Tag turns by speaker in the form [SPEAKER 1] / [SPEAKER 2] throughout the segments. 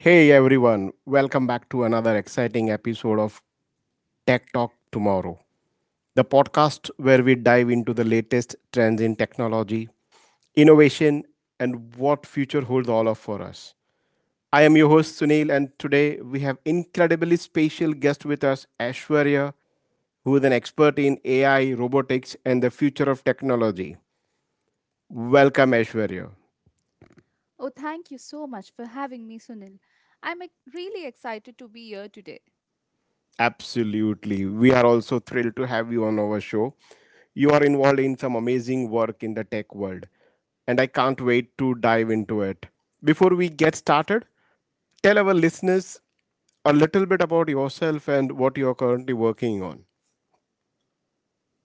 [SPEAKER 1] Hey everyone, welcome back to another exciting episode of Tech Talk Tomorrow, the podcast where we dive into the latest trends in technology, innovation, and what future holds all of for us. I am your host Sunil, and today we have incredibly special guest with us, Ashwarya, who is an expert in AI, robotics, and the future of technology. Welcome, Ashwarya.
[SPEAKER 2] Oh, thank you so much for having me, Sunil. Really excited to be here today.
[SPEAKER 1] Absolutely. We are also thrilled to have you on our show. You are involved in some amazing work in the tech world, and I can't wait to dive into it. Before we get started, tell our listeners a little bit about yourself and what you're currently working on.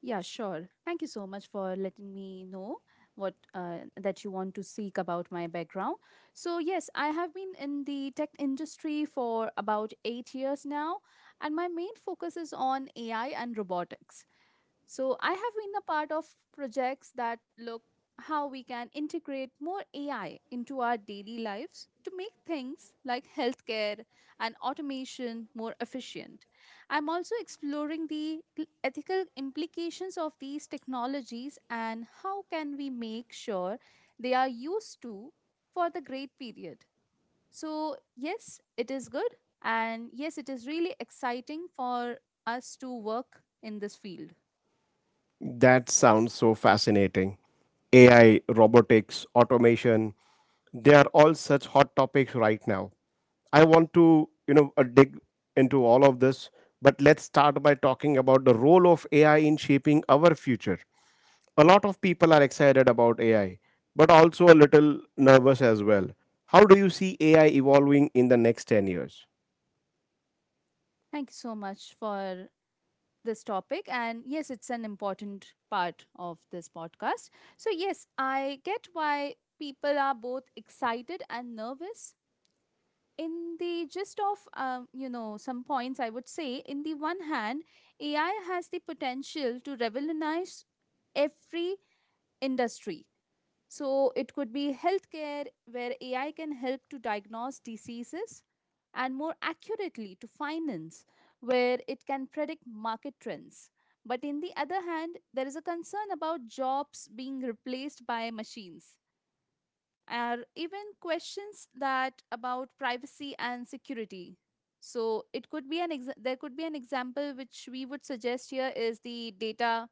[SPEAKER 2] Yeah, sure. Thank you so much for letting me know what that you want to seek about my background. So yes, I have been in the tech industry for about 8 years now, and my main focus is on AI and robotics. So I have been a part of projects that look how we can integrate more AI into our daily lives to make things like healthcare and automation more efficient. I'm also exploring the ethical implications of these technologies and how can we make sure they are used to for the great period. So yes, it is good, and yes, it is really exciting for us to work in this field.
[SPEAKER 1] That sounds so fascinating. AI, robotics, automation, they are all such hot topics right now. I want to, dig into all of this, but let's start by talking about the role of AI in shaping our future. A lot of people are excited about AI, but also a little nervous as well. How do you see AI evolving in the next 10 years?
[SPEAKER 2] Thank you so much for this topic. And yes, it's an important part of this podcast. So, yes, I get why people are both excited and nervous. In the gist of, some points, I would say, in the one hand, AI has the potential to revolutionize every industry. So it could be healthcare, where AI can help to diagnose diseases, and more accurately to finance, where it can predict market trends. But in the other hand, there is a concern about jobs being replaced by machines or even questions that about privacy and security. So it could be an there could be an example which we would suggest here is the data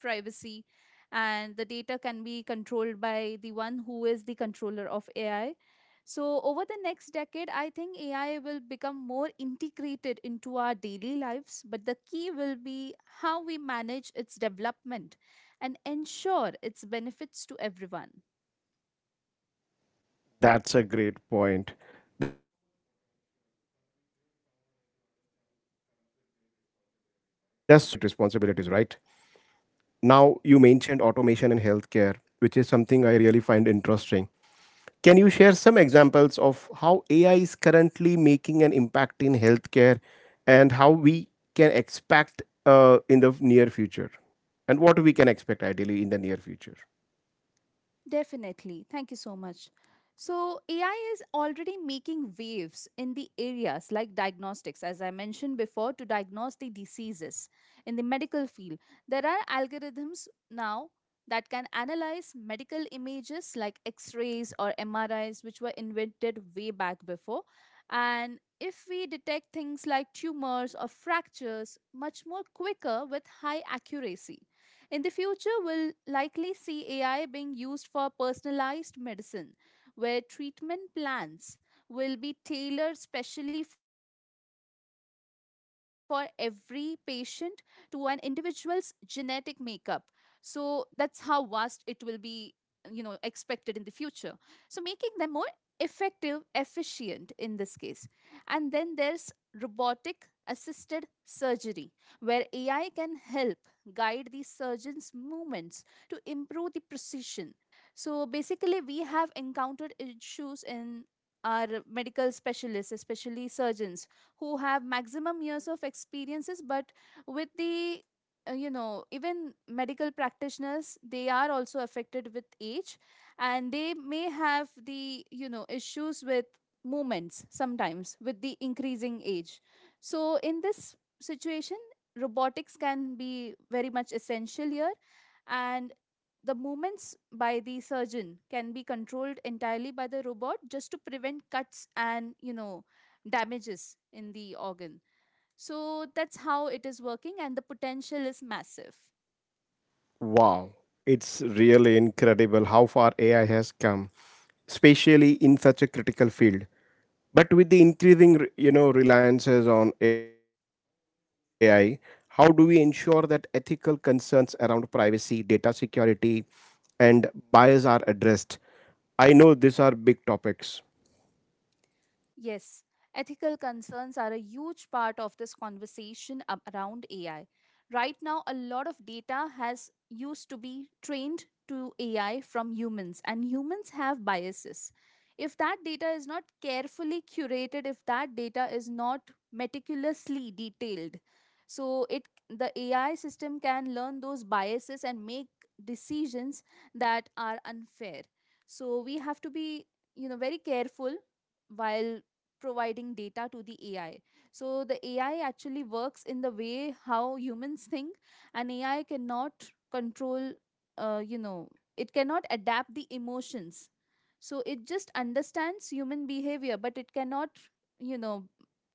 [SPEAKER 2] privacy, and the data can be controlled by the one who is the controller of AI. So over the next decade, I think AI will become more integrated into our daily lives, but the key will be how we manage its development and ensure its benefits to everyone.
[SPEAKER 1] That's a great point. There's so much potential, but with great power, as you understand, comes with great responsibilities, right? Now, you mentioned automation in healthcare, which is something I really find interesting. Can you share some examples of how AI is currently making an impact in healthcare and how we can expect in the near future? And what we can expect ideally in the near future?
[SPEAKER 2] Definitely. Thank you so much. So, AI is already making waves in the areas like diagnostics, as I mentioned before, to diagnose the diseases. In the medical field, there are algorithms now that can analyze medical images like x rays or MRIs, which were invented way back before. And if we detect things like tumors or fractures much more quicker with high accuracy. In the future, we'll likely see AI being used for personalized medicine, where treatment plans will be tailored specially for every patient to an individual's genetic makeup. So that's how vast it will be, you know, expected in the future, so making them more effective efficient in this case. And then there's robotic assisted surgery, where AI can help guide the surgeon's movements to improve the precision. So basically we have encountered issues in our medical specialists, especially surgeons, who have maximum years of experiences, but with the even medical practitioners, they are also affected with age, and they may have the, you know, issues with movements sometimes with the increasing age. So in this situation, robotics can be very much essential here, and the movements by the surgeon can be controlled entirely by the robot just to prevent cuts and, you know, damages in the organ. So that's how it is working, and the potential is massive.
[SPEAKER 1] Wow, it's really incredible how far AI has come, especially in such a critical field. But with the increasing, you know, reliances on AI, how do we ensure that ethical concerns around privacy, data security, and bias are addressed? I know these are big topics.
[SPEAKER 2] Yes, ethical concerns are a huge part of this conversation around AI. Right now, a lot of data has used to be trained to AI from humans, and humans have biases. If that data is not carefully curated, if that data is not meticulously detailed, so it the AI system can learn those biases and make decisions that are unfair. So we have to be, you know, very careful while providing data to the AI. So the AI actually works in the way how humans think, and AI cannot control, uh, you know, it cannot adapt the emotions. So it just understands human behavior, but it cannot, you know,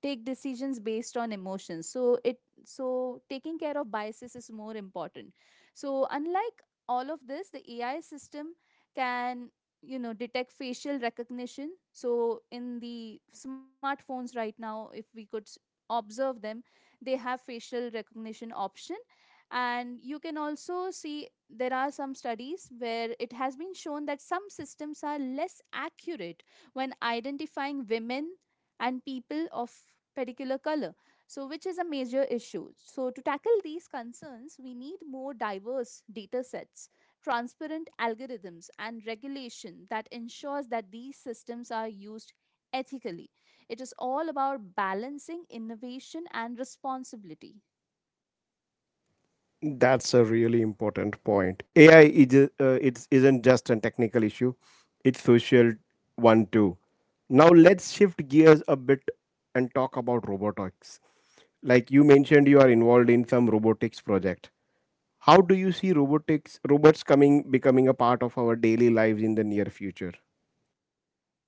[SPEAKER 2] take decisions based on emotions. So taking care of biases is more important. So unlike all of this, the AI system can, you know, detect facial recognition. So in the smartphones right now, if we could observe them, they have facial recognition option. And you can also see there are some studies where it has been shown that some systems are less accurate when identifying women and people of particular color, so which is a major issue. So to tackle these concerns, we need more diverse data sets, transparent algorithms, and regulation that ensures that these systems are used ethically. It is all about balancing innovation and responsibility.
[SPEAKER 1] That's a really important point. AI is uh, it isn't just a technical issue; it's social one too. Now let's shift gears a bit and talk about robotics. Like you mentioned, you are involved in some robotics project. How do you see robotics robots coming becoming a part of our daily lives in the near future?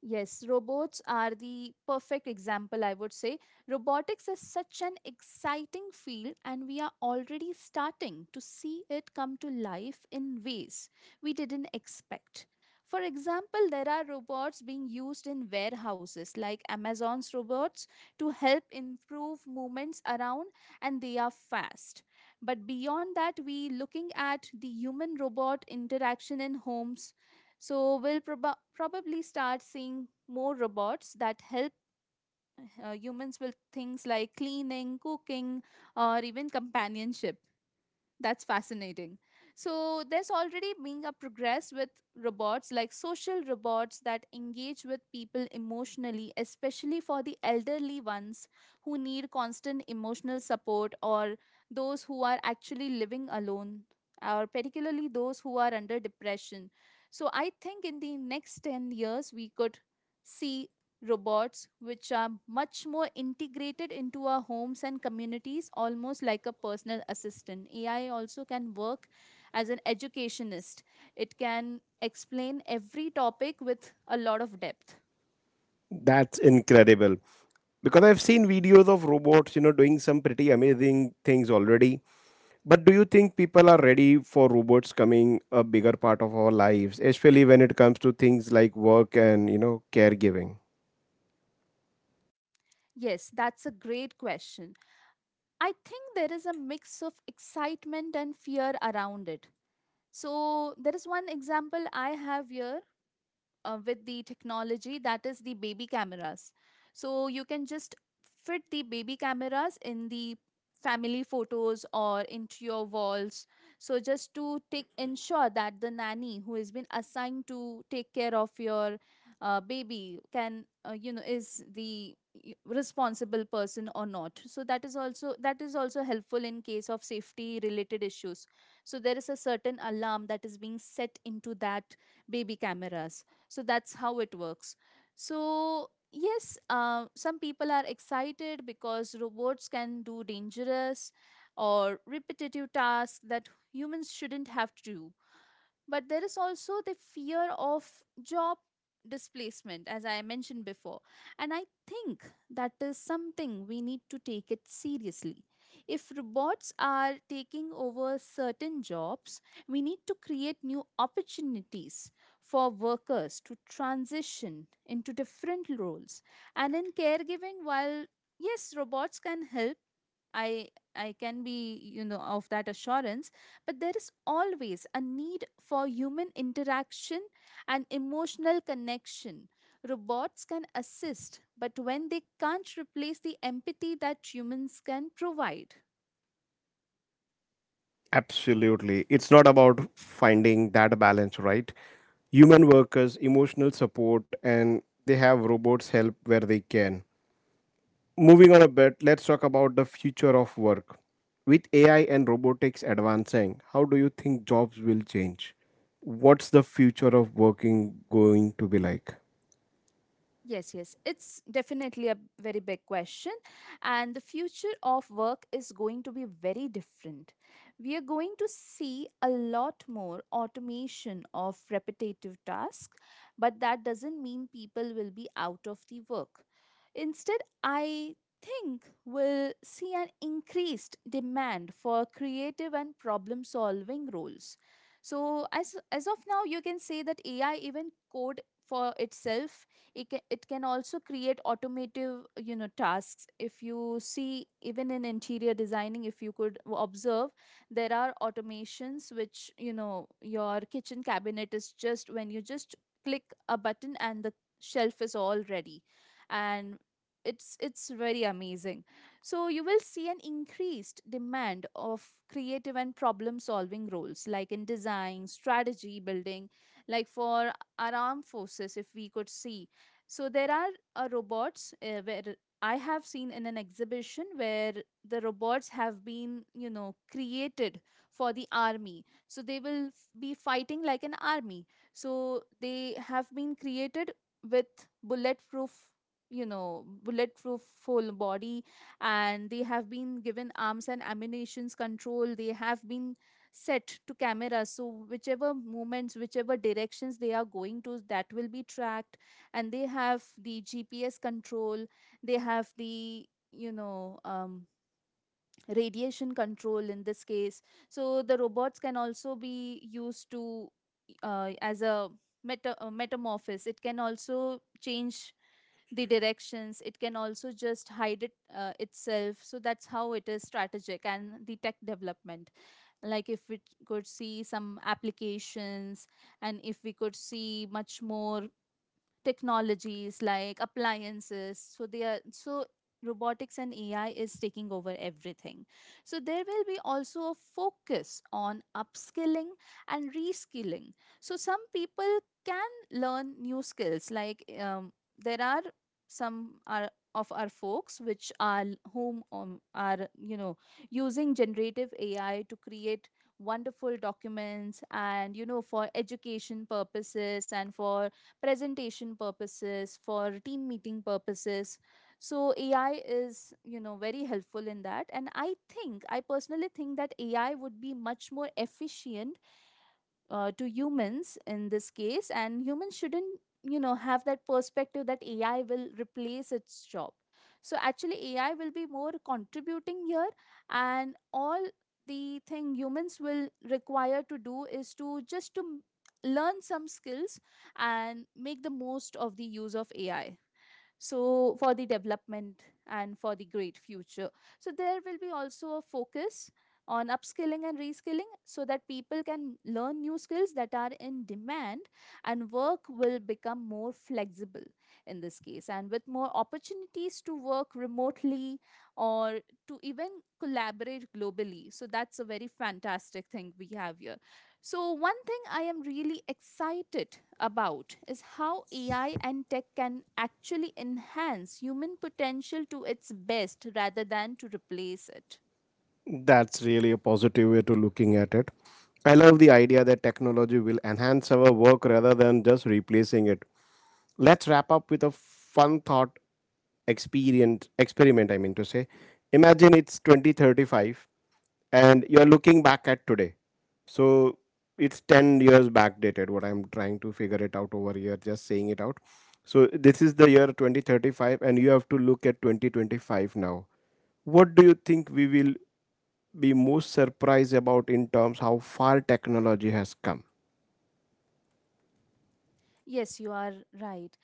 [SPEAKER 2] Yes, robots are the perfect example, I would say. Robotics is such an exciting field, and we are already starting to see it come to life in ways we didn't expect. For example, there are robots being used in warehouses like Amazon's robots to help improve movements around, and they are fast. But beyond that, we looking at the human robot interaction in homes. So we'll probably start seeing more robots that help humans with things like cleaning, cooking, or even companionship. That's fascinating. So, there's already being a progress with robots like social robots that engage with people emotionally, especially for the elderly ones who need constant emotional support, or those who are actually living alone, or particularly those who are under depression. So, I think in the next 10 years, we could see robots, which are much more integrated into our homes and communities, almost like a personal assistant. AI also can work as an educationist, it can explain every topic with a lot of depth.
[SPEAKER 1] That's incredible. Because I've seen videos of robots, you know, doing some pretty amazing things already. But do you think people are ready for robots coming a bigger part of our lives, especially when it comes to things like work and, you know, caregiving?
[SPEAKER 2] Yes, that's a great question. I think there is a mix of excitement and fear around it. So, there is one example I have here with the technology that is the baby cameras. So you can just fit the baby cameras in the family photos or into your walls. So just to take ensure that the nanny who has been assigned to take care of your baby can, is the responsible person or not, so that is also helpful in case of safety related issues. So there is a certain alarm that is being set into that baby cameras. So that's how it works. So yes, some people are excited because robots can do dangerous or repetitive tasks that humans shouldn't have to do, but there is also the fear of job displacement, as I mentioned before. And I think that is something we need to take it seriously. If robots are taking over certain jobs, we need to create new opportunities for workers to transition into different roles. And in caregiving, while yes, robots can help, I I can be, you know, of that assurance, but there is always a need for human interaction and emotional connection. Robots can assist, but when they can't replace the empathy that humans can provide.
[SPEAKER 1] Absolutely. It's not about finding that balance, right? Human workers, emotional support, and they have robots help where they can. Moving on a bit, let's talk about the future of work. With AI and robotics advancing, how do you think jobs will change? What's the future of working going to be like?
[SPEAKER 2] Yes, yes. It's definitely a very big question. And the future of work is going to be very different. We are going to see a lot more automation of repetitive tasks, but that doesn't mean people will be out of the work. Instead, I think we'll see an increased demand for creative and problem solving roles. So, as of now, you can say that AI even code for itself, it can also create automotive, you know, tasks. If you see even in interior designing, if you could observe, there are automations which, you know, your kitchen cabinet is just when you just click a button, and the shelf is all ready. And it's very amazing. So you will see an increased demand of creative and problem solving roles like in design strategy building, like for our armed forces, if we could see. So there are robots, where I have seen in an exhibition where the robots have been, you know, created for the army. So they will be fighting like an army. So they have been created with bulletproof, you know, bulletproof full body, and they have been given arms and ammunitions control. They have been set to cameras. So whichever movements, whichever directions they are going to, that will be tracked, and they have the GPS control. They have the, you know, radiation control in this case. So the robots can also be used to, as a metamorphosis, it can also change the directions, it can also just hide it itself. So that's how it is strategic, and the tech development, like if we could see some applications, and if we could see much more technologies like appliances, so they are so robotics and AI is taking over everything. So there will be also a focus on upskilling and reskilling, so some people can learn new skills like, there are some are of our folks which are whom, are, you know, using generative AI to create wonderful documents and, you know, for education purposes, and for presentation purposes, for team meeting purposes. So AI is, you know, very helpful in that. And I personally think that AI would be much more efficient to humans in this case, and humans shouldn't, you know, have that perspective that ai will replace its job. So actually ai will be more contributing here, and all the thing humans will require to do is to just to learn some skills and make the most of the use of ai, so for the development and for the great future. So there will be also a focus on upskilling and reskilling so that people can learn new skills that are in demand, and work will become more flexible in this case and with more opportunities to work remotely or to even collaborate globally. So that's a very fantastic thing we have here. So, one thing I am really excited about is how AI and tech can actually enhance human potential to its best rather than to replace it.
[SPEAKER 1] That's really a positive way to looking at it. I love the idea that technology will enhance our work rather than just replacing it. Let's wrap up with a fun thought experience experiment I mean to say. Imagine it's 2035 and you're looking back at today. So it's 10 years backdated, what I'm trying to figure it out over here, just saying it out. So this is the year 2035 and you have to look at 2025 now. What do you think we will be most surprised about in terms how far technology has come?
[SPEAKER 2] Yes, you are right.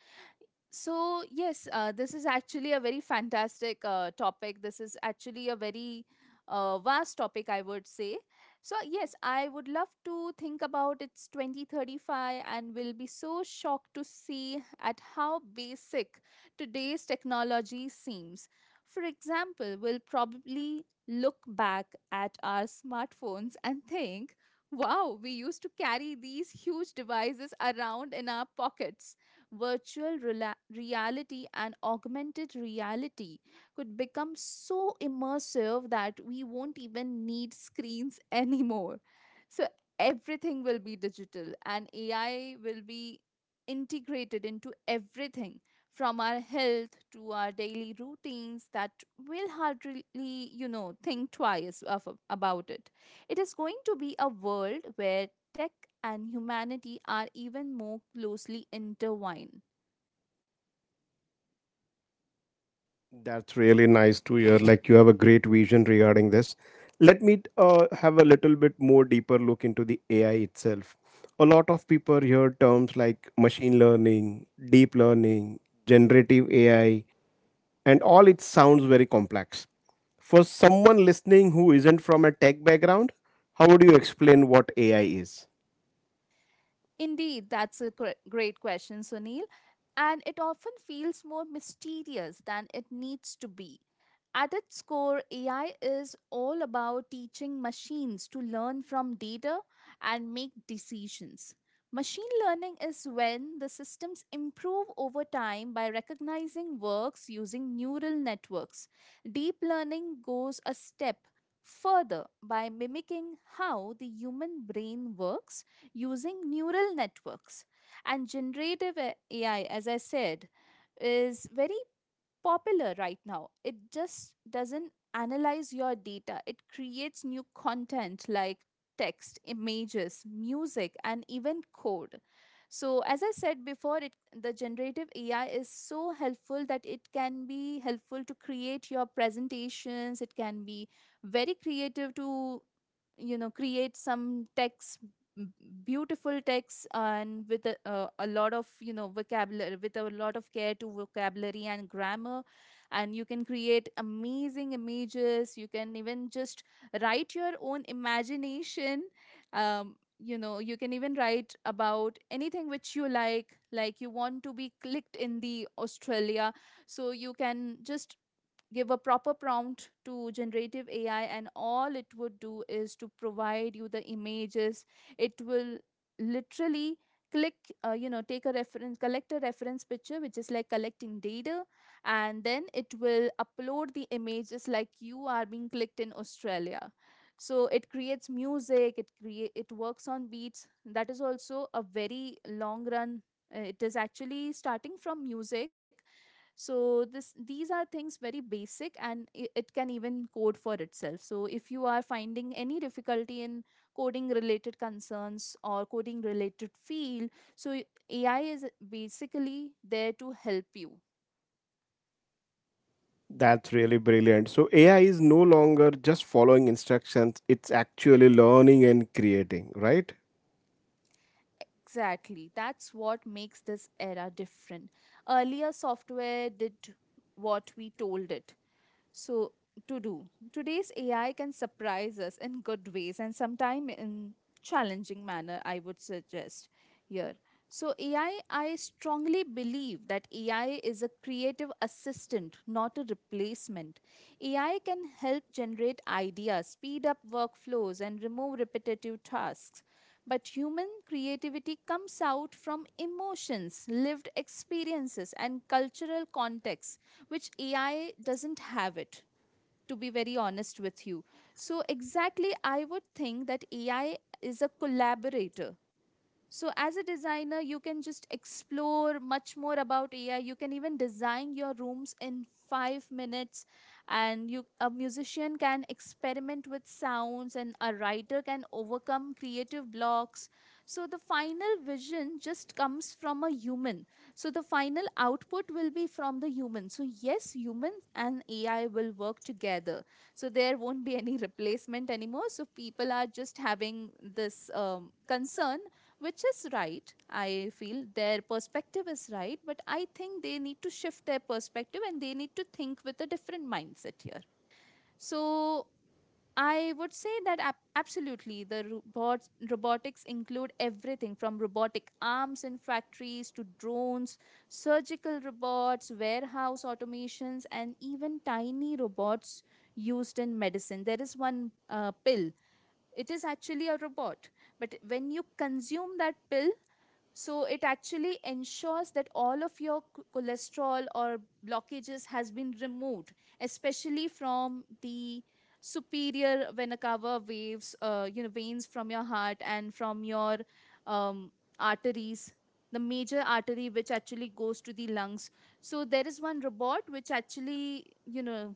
[SPEAKER 2] So, yes, this is actually a very fantastic topic. This is actually a very vast topic, I would say. So, yes, I would love to think about it's 2035 and will be so shocked to see at how basic today's technology seems. For example, we'll probably look back at our smartphones and think, wow, we used to carry these huge devices around in our pockets. Reality and augmented reality could become so immersive that we won't even need screens anymore. So everything will be digital and AI will be integrated into everything from our health to our daily routines that we'll hardly, you know, think twice of, about it. It is going to be a world where tech and humanity are even more closely intertwined.
[SPEAKER 1] That's really nice to hear, like you have a great vision regarding this. Let me have a little bit more deeper look into the AI itself. A lot of people hear terms like machine learning, deep learning, generative AI, and all it sounds very complex. For someone listening who isn't from a tech background, how would you explain what AI is?
[SPEAKER 2] Indeed, that's a great question, Sunil. And it often feels more mysterious than it needs to be. At its core, AI is all about teaching machines to learn from data and make decisions. Machine learning is when the systems improve over time by recognizing works using neural networks. Deep learning goes a step further by mimicking how the human brain works using neural networks. And generative AI, as I said, is very popular right now. It just doesn't analyze your data, it creates new content like text, images, music, and even code. So, as I said before, the generative AI is so helpful that it can be helpful to create your presentations. It can be very creative to, you know, create some text, m- beautiful texts, and with a lot of, you know, vocabulary, with a lot of care to vocabulary and grammar, and you can create amazing images. You can even just write your own imagination. You know, you can even write about anything which you like you want to be clicked in the australia. So you can just give a proper prompt to generative AI, and all it would do is to provide you the images. It will literally click, you know, take a reference, collect a reference picture, which is like collecting data, and then it will upload the images like you are being clicked in Australia. So it creates music, it works on beats. That is also a very long run. It is actually starting from music. So this these are things very basic, and it can even code for itself. So if you are finding any difficulty in coding related concerns or coding related field, so ai is basically there to help you.
[SPEAKER 1] That's really brilliant. So AI is no longer just following instructions, it's actually learning and creating, right?
[SPEAKER 2] Exactly, that's what makes this era different. Earlier software did what we told it so to do. Today's AI can surprise us in good ways and sometimes in challenging manner, I would suggest here. So AI, I strongly believe that AI is a creative assistant, not a replacement. AI can help generate ideas, speed up workflows, and remove repetitive tasks. But human creativity comes out from emotions, lived experiences, and cultural contexts which AI doesn't have it, to be very honest with you. So, exactly, I would think that AI is a collaborator. So, as a designer, you can just explore much more about AI. You can even design your rooms in 5 minutes, and you a musician can experiment with sounds, and a writer can overcome creative blocks. So, the final vision just comes from a human. So, the final output will be from the human. So, yes, humans and AI will work together. So, there won't be any replacement anymore. So, people are just having this concern which is right. I feel their perspective is right, but I think they need to shift their perspective and they need to think with a different mindset here. So I would say that absolutely the robots robotics include everything from robotic arms in factories to drones, surgical robots, warehouse automations, and even tiny robots used in medicine. There is one pill. It is actually a robot, but when you consume that pill, so it actually ensures that all of your cholesterol or blockages has been removed, especially from the superior vena cava waves, you know, veins from your heart and from your um, arteries, the major artery which actually goes to the lungs. So there is one robot which actually, you know,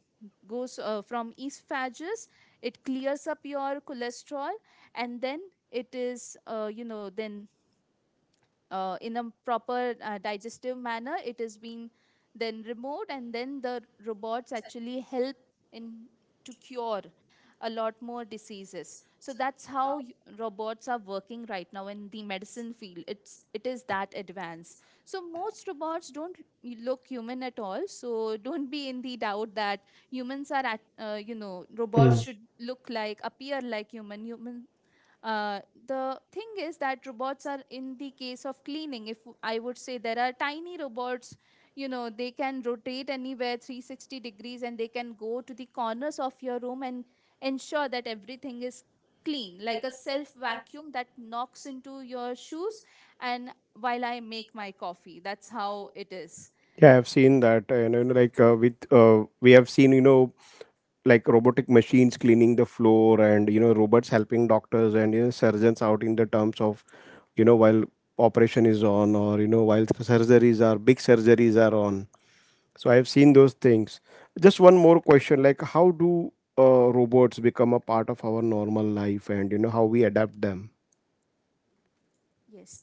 [SPEAKER 2] goes from esophagus, it clears up your cholesterol, and then it is, you know, then in a proper digestive manner, it is being then removed, and then the robots actually help in to cure a lot more diseases. So that's how robots are working right now in the medicine field. It is that advanced. So most robots don't look human at all, so don't be in the doubt that humans are at, you know, robots should look like, appear like human. uh, the thing is that robots are in the case of cleaning, if I would say, there are tiny robots, you know, they can rotate anywhere 360 degrees and they can go to the corners of your room and ensure that everything is clean, like a self vacuum that knocks into your shoes and while I make my coffee. That's how it is.
[SPEAKER 1] Yeah, I've seen that. You know, like with we have seen, you know, like robotic machines cleaning the floor, and you know, robots helping doctors and you know, surgeons out in the terms of, you know, while operation is on, or you know, while surgeries are big surgeries are on. So I have seen those things. Just one more question: like, how do robots become a part of our normal life, and you know, how we adapt them?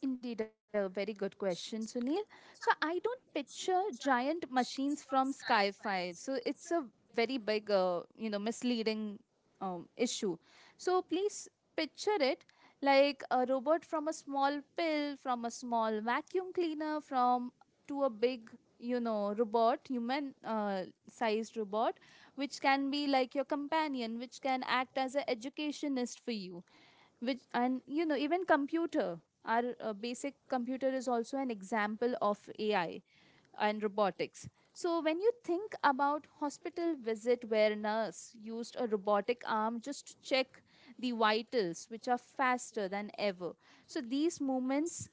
[SPEAKER 2] Yes, indeed, a very good question, Sunil. So I don't picture giant machines from Sky 5. So it's a very big, you know, misleading issue. So please picture it like a robot, from a small pill, from a small vacuum cleaner, from to a big, you know, robot, human sized robot, which can be like your companion, which can act as an educationist for you, which and you know even computer, our basic computer is also an example of ai and robotics. So when you think about hospital visit where nurse used a robotic arm just to check the vitals which are faster than ever. So these moments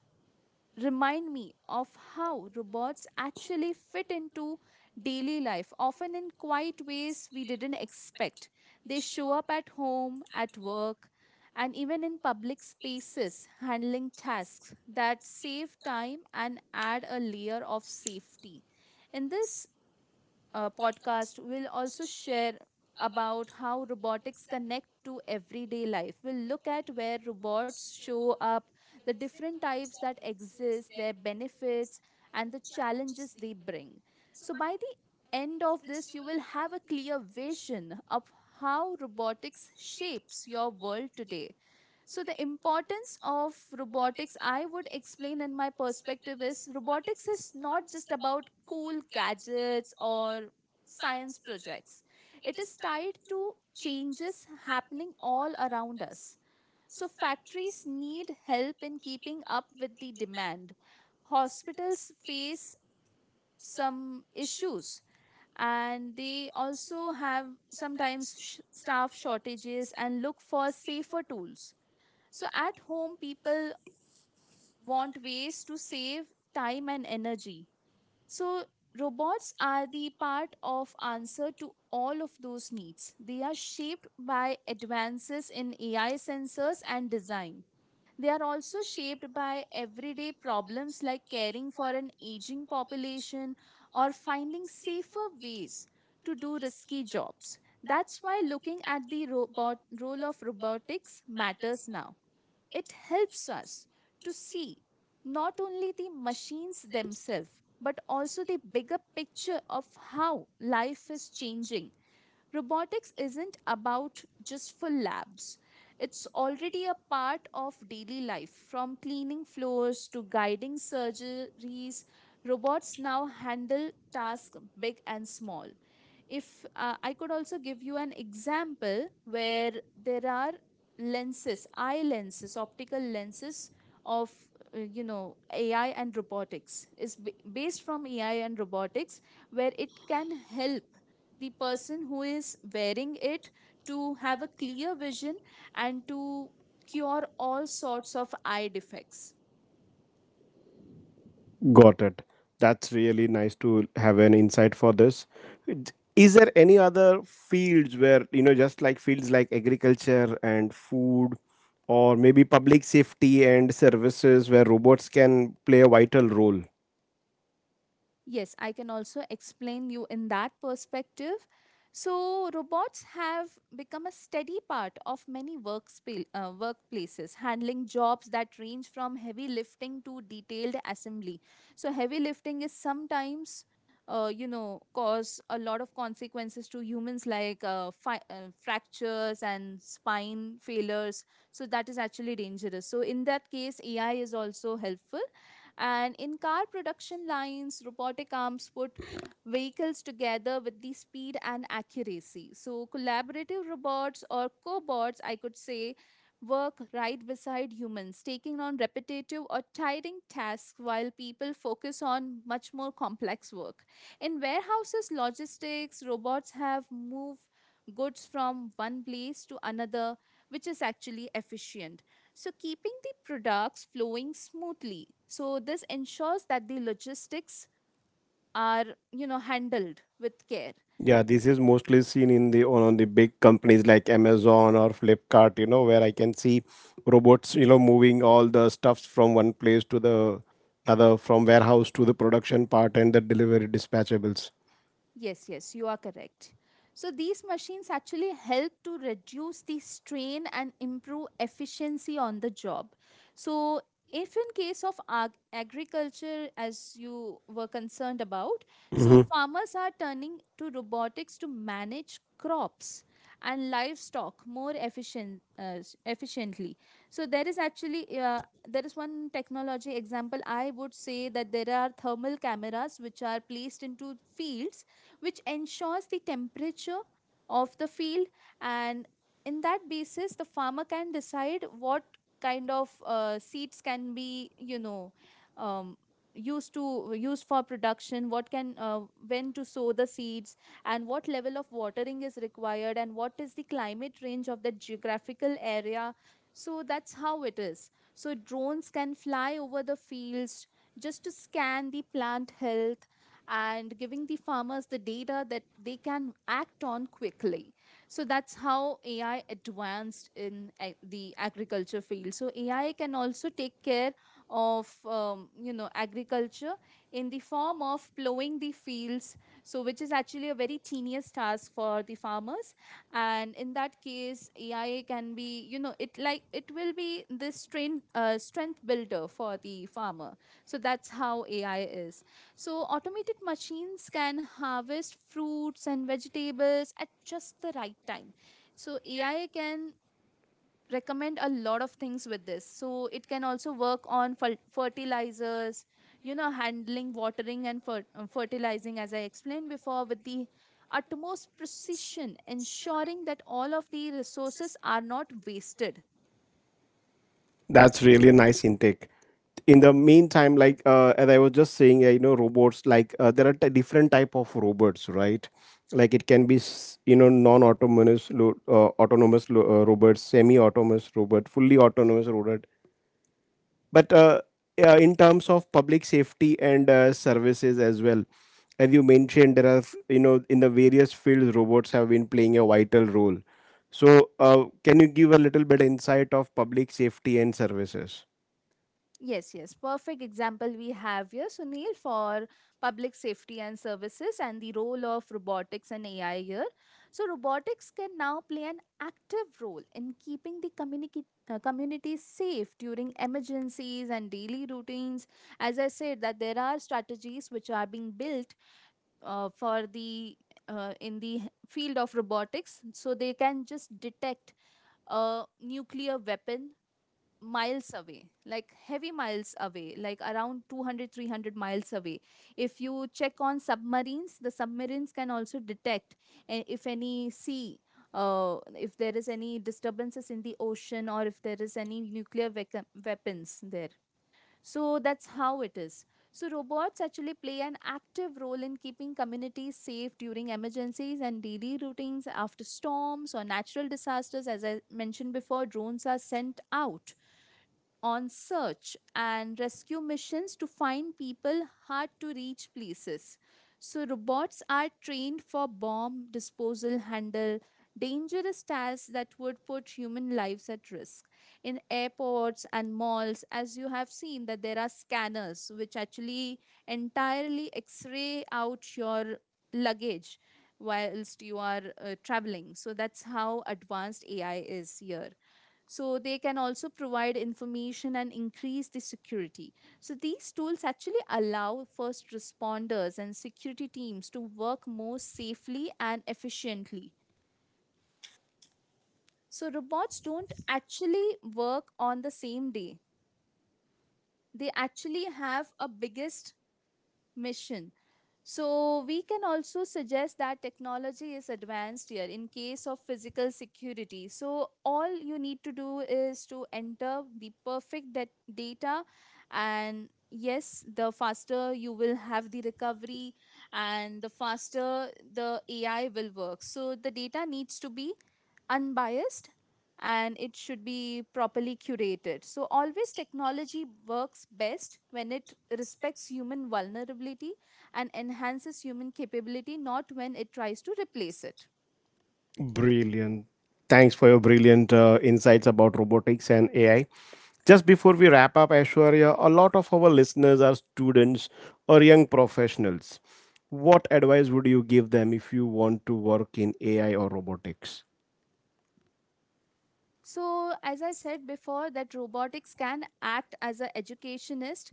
[SPEAKER 2] remind me of how robots actually fit into daily life, often in quiet ways we didn't expect. They show up at home, at work, and even in public spaces, handling tasks that save time and add a layer of safety. In this podcast, we'll also share about how robotics connect to everyday life. We'll look at where robots show up, the different types that exist, their benefits, and the challenges they bring. So, by the end of this, you will have a clear vision of how robotics shapes your world today. So, the importance of robotics, I would explain in my perspective, is robotics is not just about cool gadgets or science projects, it is tied to changes happening all around us. So, factories need help in keeping up with the demand. Hospitals face some issues, and they also have sometimes staff shortages and look for safer tools. So at home, people want ways to save time and energy. So robots are the part of answer to all of those needs. They are shaped by advances in AI sensors and design. They are also shaped by everyday problems like caring for an aging population or finding safer ways to do risky jobs. That's why looking at the robot role of robotics matters now. It helps us to see not only the machines themselves, but also the bigger picture of how life is changing. Robotics isn't about just for labs. It's already a part of daily life, from cleaning floors to guiding surgeries. Robots now handle tasks big and small. If, I could also give you an example where there are lenses eye lenses, optical lenses of, you know, ai and robotics, is based from ai and robotics, where it can help the person who is wearing it to have a clear vision and to cure all sorts of eye defects.
[SPEAKER 1] Got it. That's really nice to have an insight for this. Is there any other fields where, you know, just like fields like agriculture and food, or maybe public safety and services, where robots can play a vital role?
[SPEAKER 2] Yes, I can also explain you in that perspective. So, robots have become a steady part of many workplaces, handling jobs that range from heavy lifting to detailed assembly. So, heavy lifting is sometimes cause a lot of consequences to humans like fractures and spine failures. So, that is actually dangerous. So, in that case, AI is also helpful, and in car production lines, robotic arms put vehicles together with the speed and accuracy. So, collaborative robots, or cobots, I could say, work right beside humans, taking on repetitive or tiring tasks while people focus on much more complex work. In warehouses, logistics, robots have moved goods from one place to another, which is actually efficient. So, keeping the products flowing smoothly. So, this ensures that the logistics are, handled with care.
[SPEAKER 1] Yeah, this is mostly seen in the on the big companies like Amazon or Flipkart, you know, where I can see robots, you know, moving all the stuffs from one place to the other, from warehouse to the production part and the delivery dispatchables.
[SPEAKER 2] Yes, yes, you are correct. So these machines actually help to reduce the strain and improve efficiency on the job. So if in case of agriculture, as you were concerned about, so farmers are turning to robotics to manage crops and livestock more efficiently. So there is actually there is one technology example, I would say, that there are thermal cameras which are placed into fields, which ensures the temperature of the field, and in that basis the farmer can decide what kind of seeds can be, you know, um, used for production, what can when to sow the seeds, and what level of watering is required, and what is the climate range of that geographical area. So that's how it is. So drones can fly over the fields just to scan the plant health and giving the farmers the data that they can act on quickly. So that's how AI advanced in the agriculture field. So AI can also take care of agriculture in the form of plowing the fields. So which is actually a very tedious task for the farmers, and in that case, AI can be, you know, it like it will be this strength builder for the farmer. So that's how AI is. So, automated machines can harvest fruits and vegetables at just the right time. So, AI can recommend a lot of things with this. So, it can also work on fertilizers, you know, handling watering and fertilizing, as I explained before, with the utmost precision, ensuring that all of the resources are not wasted.
[SPEAKER 1] That's really a nice intake. In the meantime, like as I was just saying, you know, robots, like there are different type of robots, right? Like it can be non-autonomous autonomous robots, semi-autonomous robot, fully autonomous robot. But in terms of public safety and services as well, as you mentioned, there are, you know, in the various fields robots have been playing a vital role. So, can you give a little bit insight of public safety and services?
[SPEAKER 2] Yes, yes. Perfect example we have here, Sunil, for public safety and services and the role of robotics and AI here. So, robotics can now play an active role in keeping the community safe during emergencies and daily routines. As I said, that there are strategies which are being built for the in the field of robotics, so they can just detect a nuclear weapon miles away, like heavy miles away, like around 200, 300 miles away. If you check on submarines, the submarines can also detect if any sea, if there is any disturbances in the ocean, or if there is any nuclear weapons there. So that's how it is. So robots actually play an active role in keeping communities safe during emergencies and daily routines. After storms or natural disasters, as I mentioned before, drones are sent out on search and rescue missions to find people hard to reach places. So, robots are trained for bomb disposal, handle dangerous tasks that would put human lives at risk. In airports and malls, as you have seen, that there are scanners which actually entirely x ray out your luggage whilst you are traveling. So, that's how advanced AI is here, so they can also provide information and increase the security. So these tools actually allow first responders and security teams to work more safely and efficiently. So robots don't actually work on the same day, they actually have a biggest mission. So, we can also suggest that technology is advanced here in case of physical security. So, all you need to do is to enter the data, and yes, the faster you will have the recovery, and the faster the AI will work. So, the data needs to be unbiased and it should be properly curated. So, always technology works best when it respects human vulnerability and enhances human capability, not when it tries to replace it.
[SPEAKER 1] Brilliant. Thanks for your brilliant insights about robotics and AI. Just before we wrap up, Aishwarya, a lot of our listeners are students or young professionals. What advice would you give them if you want to work in AI or robotics?
[SPEAKER 2] So, as I said before, that robotics can act as an educationist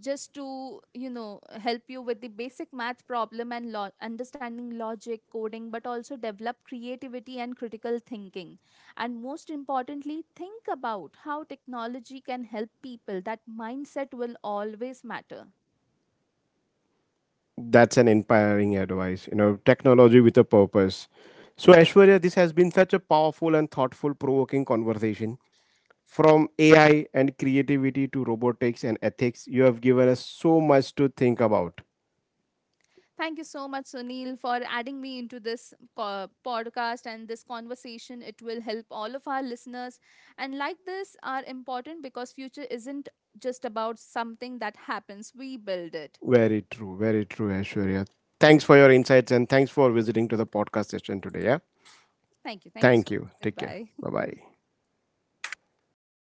[SPEAKER 2] just to, you know, help you with the basic math problem and understanding logic, coding, but also develop creativity and critical thinking. And most importantly, think about how technology can help people. That mindset will always matter.
[SPEAKER 1] That's an inspiring advice, you know, technology with a purpose. So, Aishwarya, this has been such a powerful and thoughtful, provoking conversation. From AI and creativity to robotics and ethics, you have given us so much to think about.
[SPEAKER 2] Thank you so much, Sunil, for adding me into this podcast and this conversation. It will help all of our listeners. And like this are important because future isn't just about something that happens. We build it.
[SPEAKER 1] Very true, Aishwarya. Thanks for your insights and thanks for visiting to the podcast session today. Yeah.
[SPEAKER 2] Thank you. Thank you
[SPEAKER 1] Thank
[SPEAKER 2] so
[SPEAKER 1] you.
[SPEAKER 2] much.
[SPEAKER 1] Take care.
[SPEAKER 2] Goodbye.
[SPEAKER 1] Bye bye.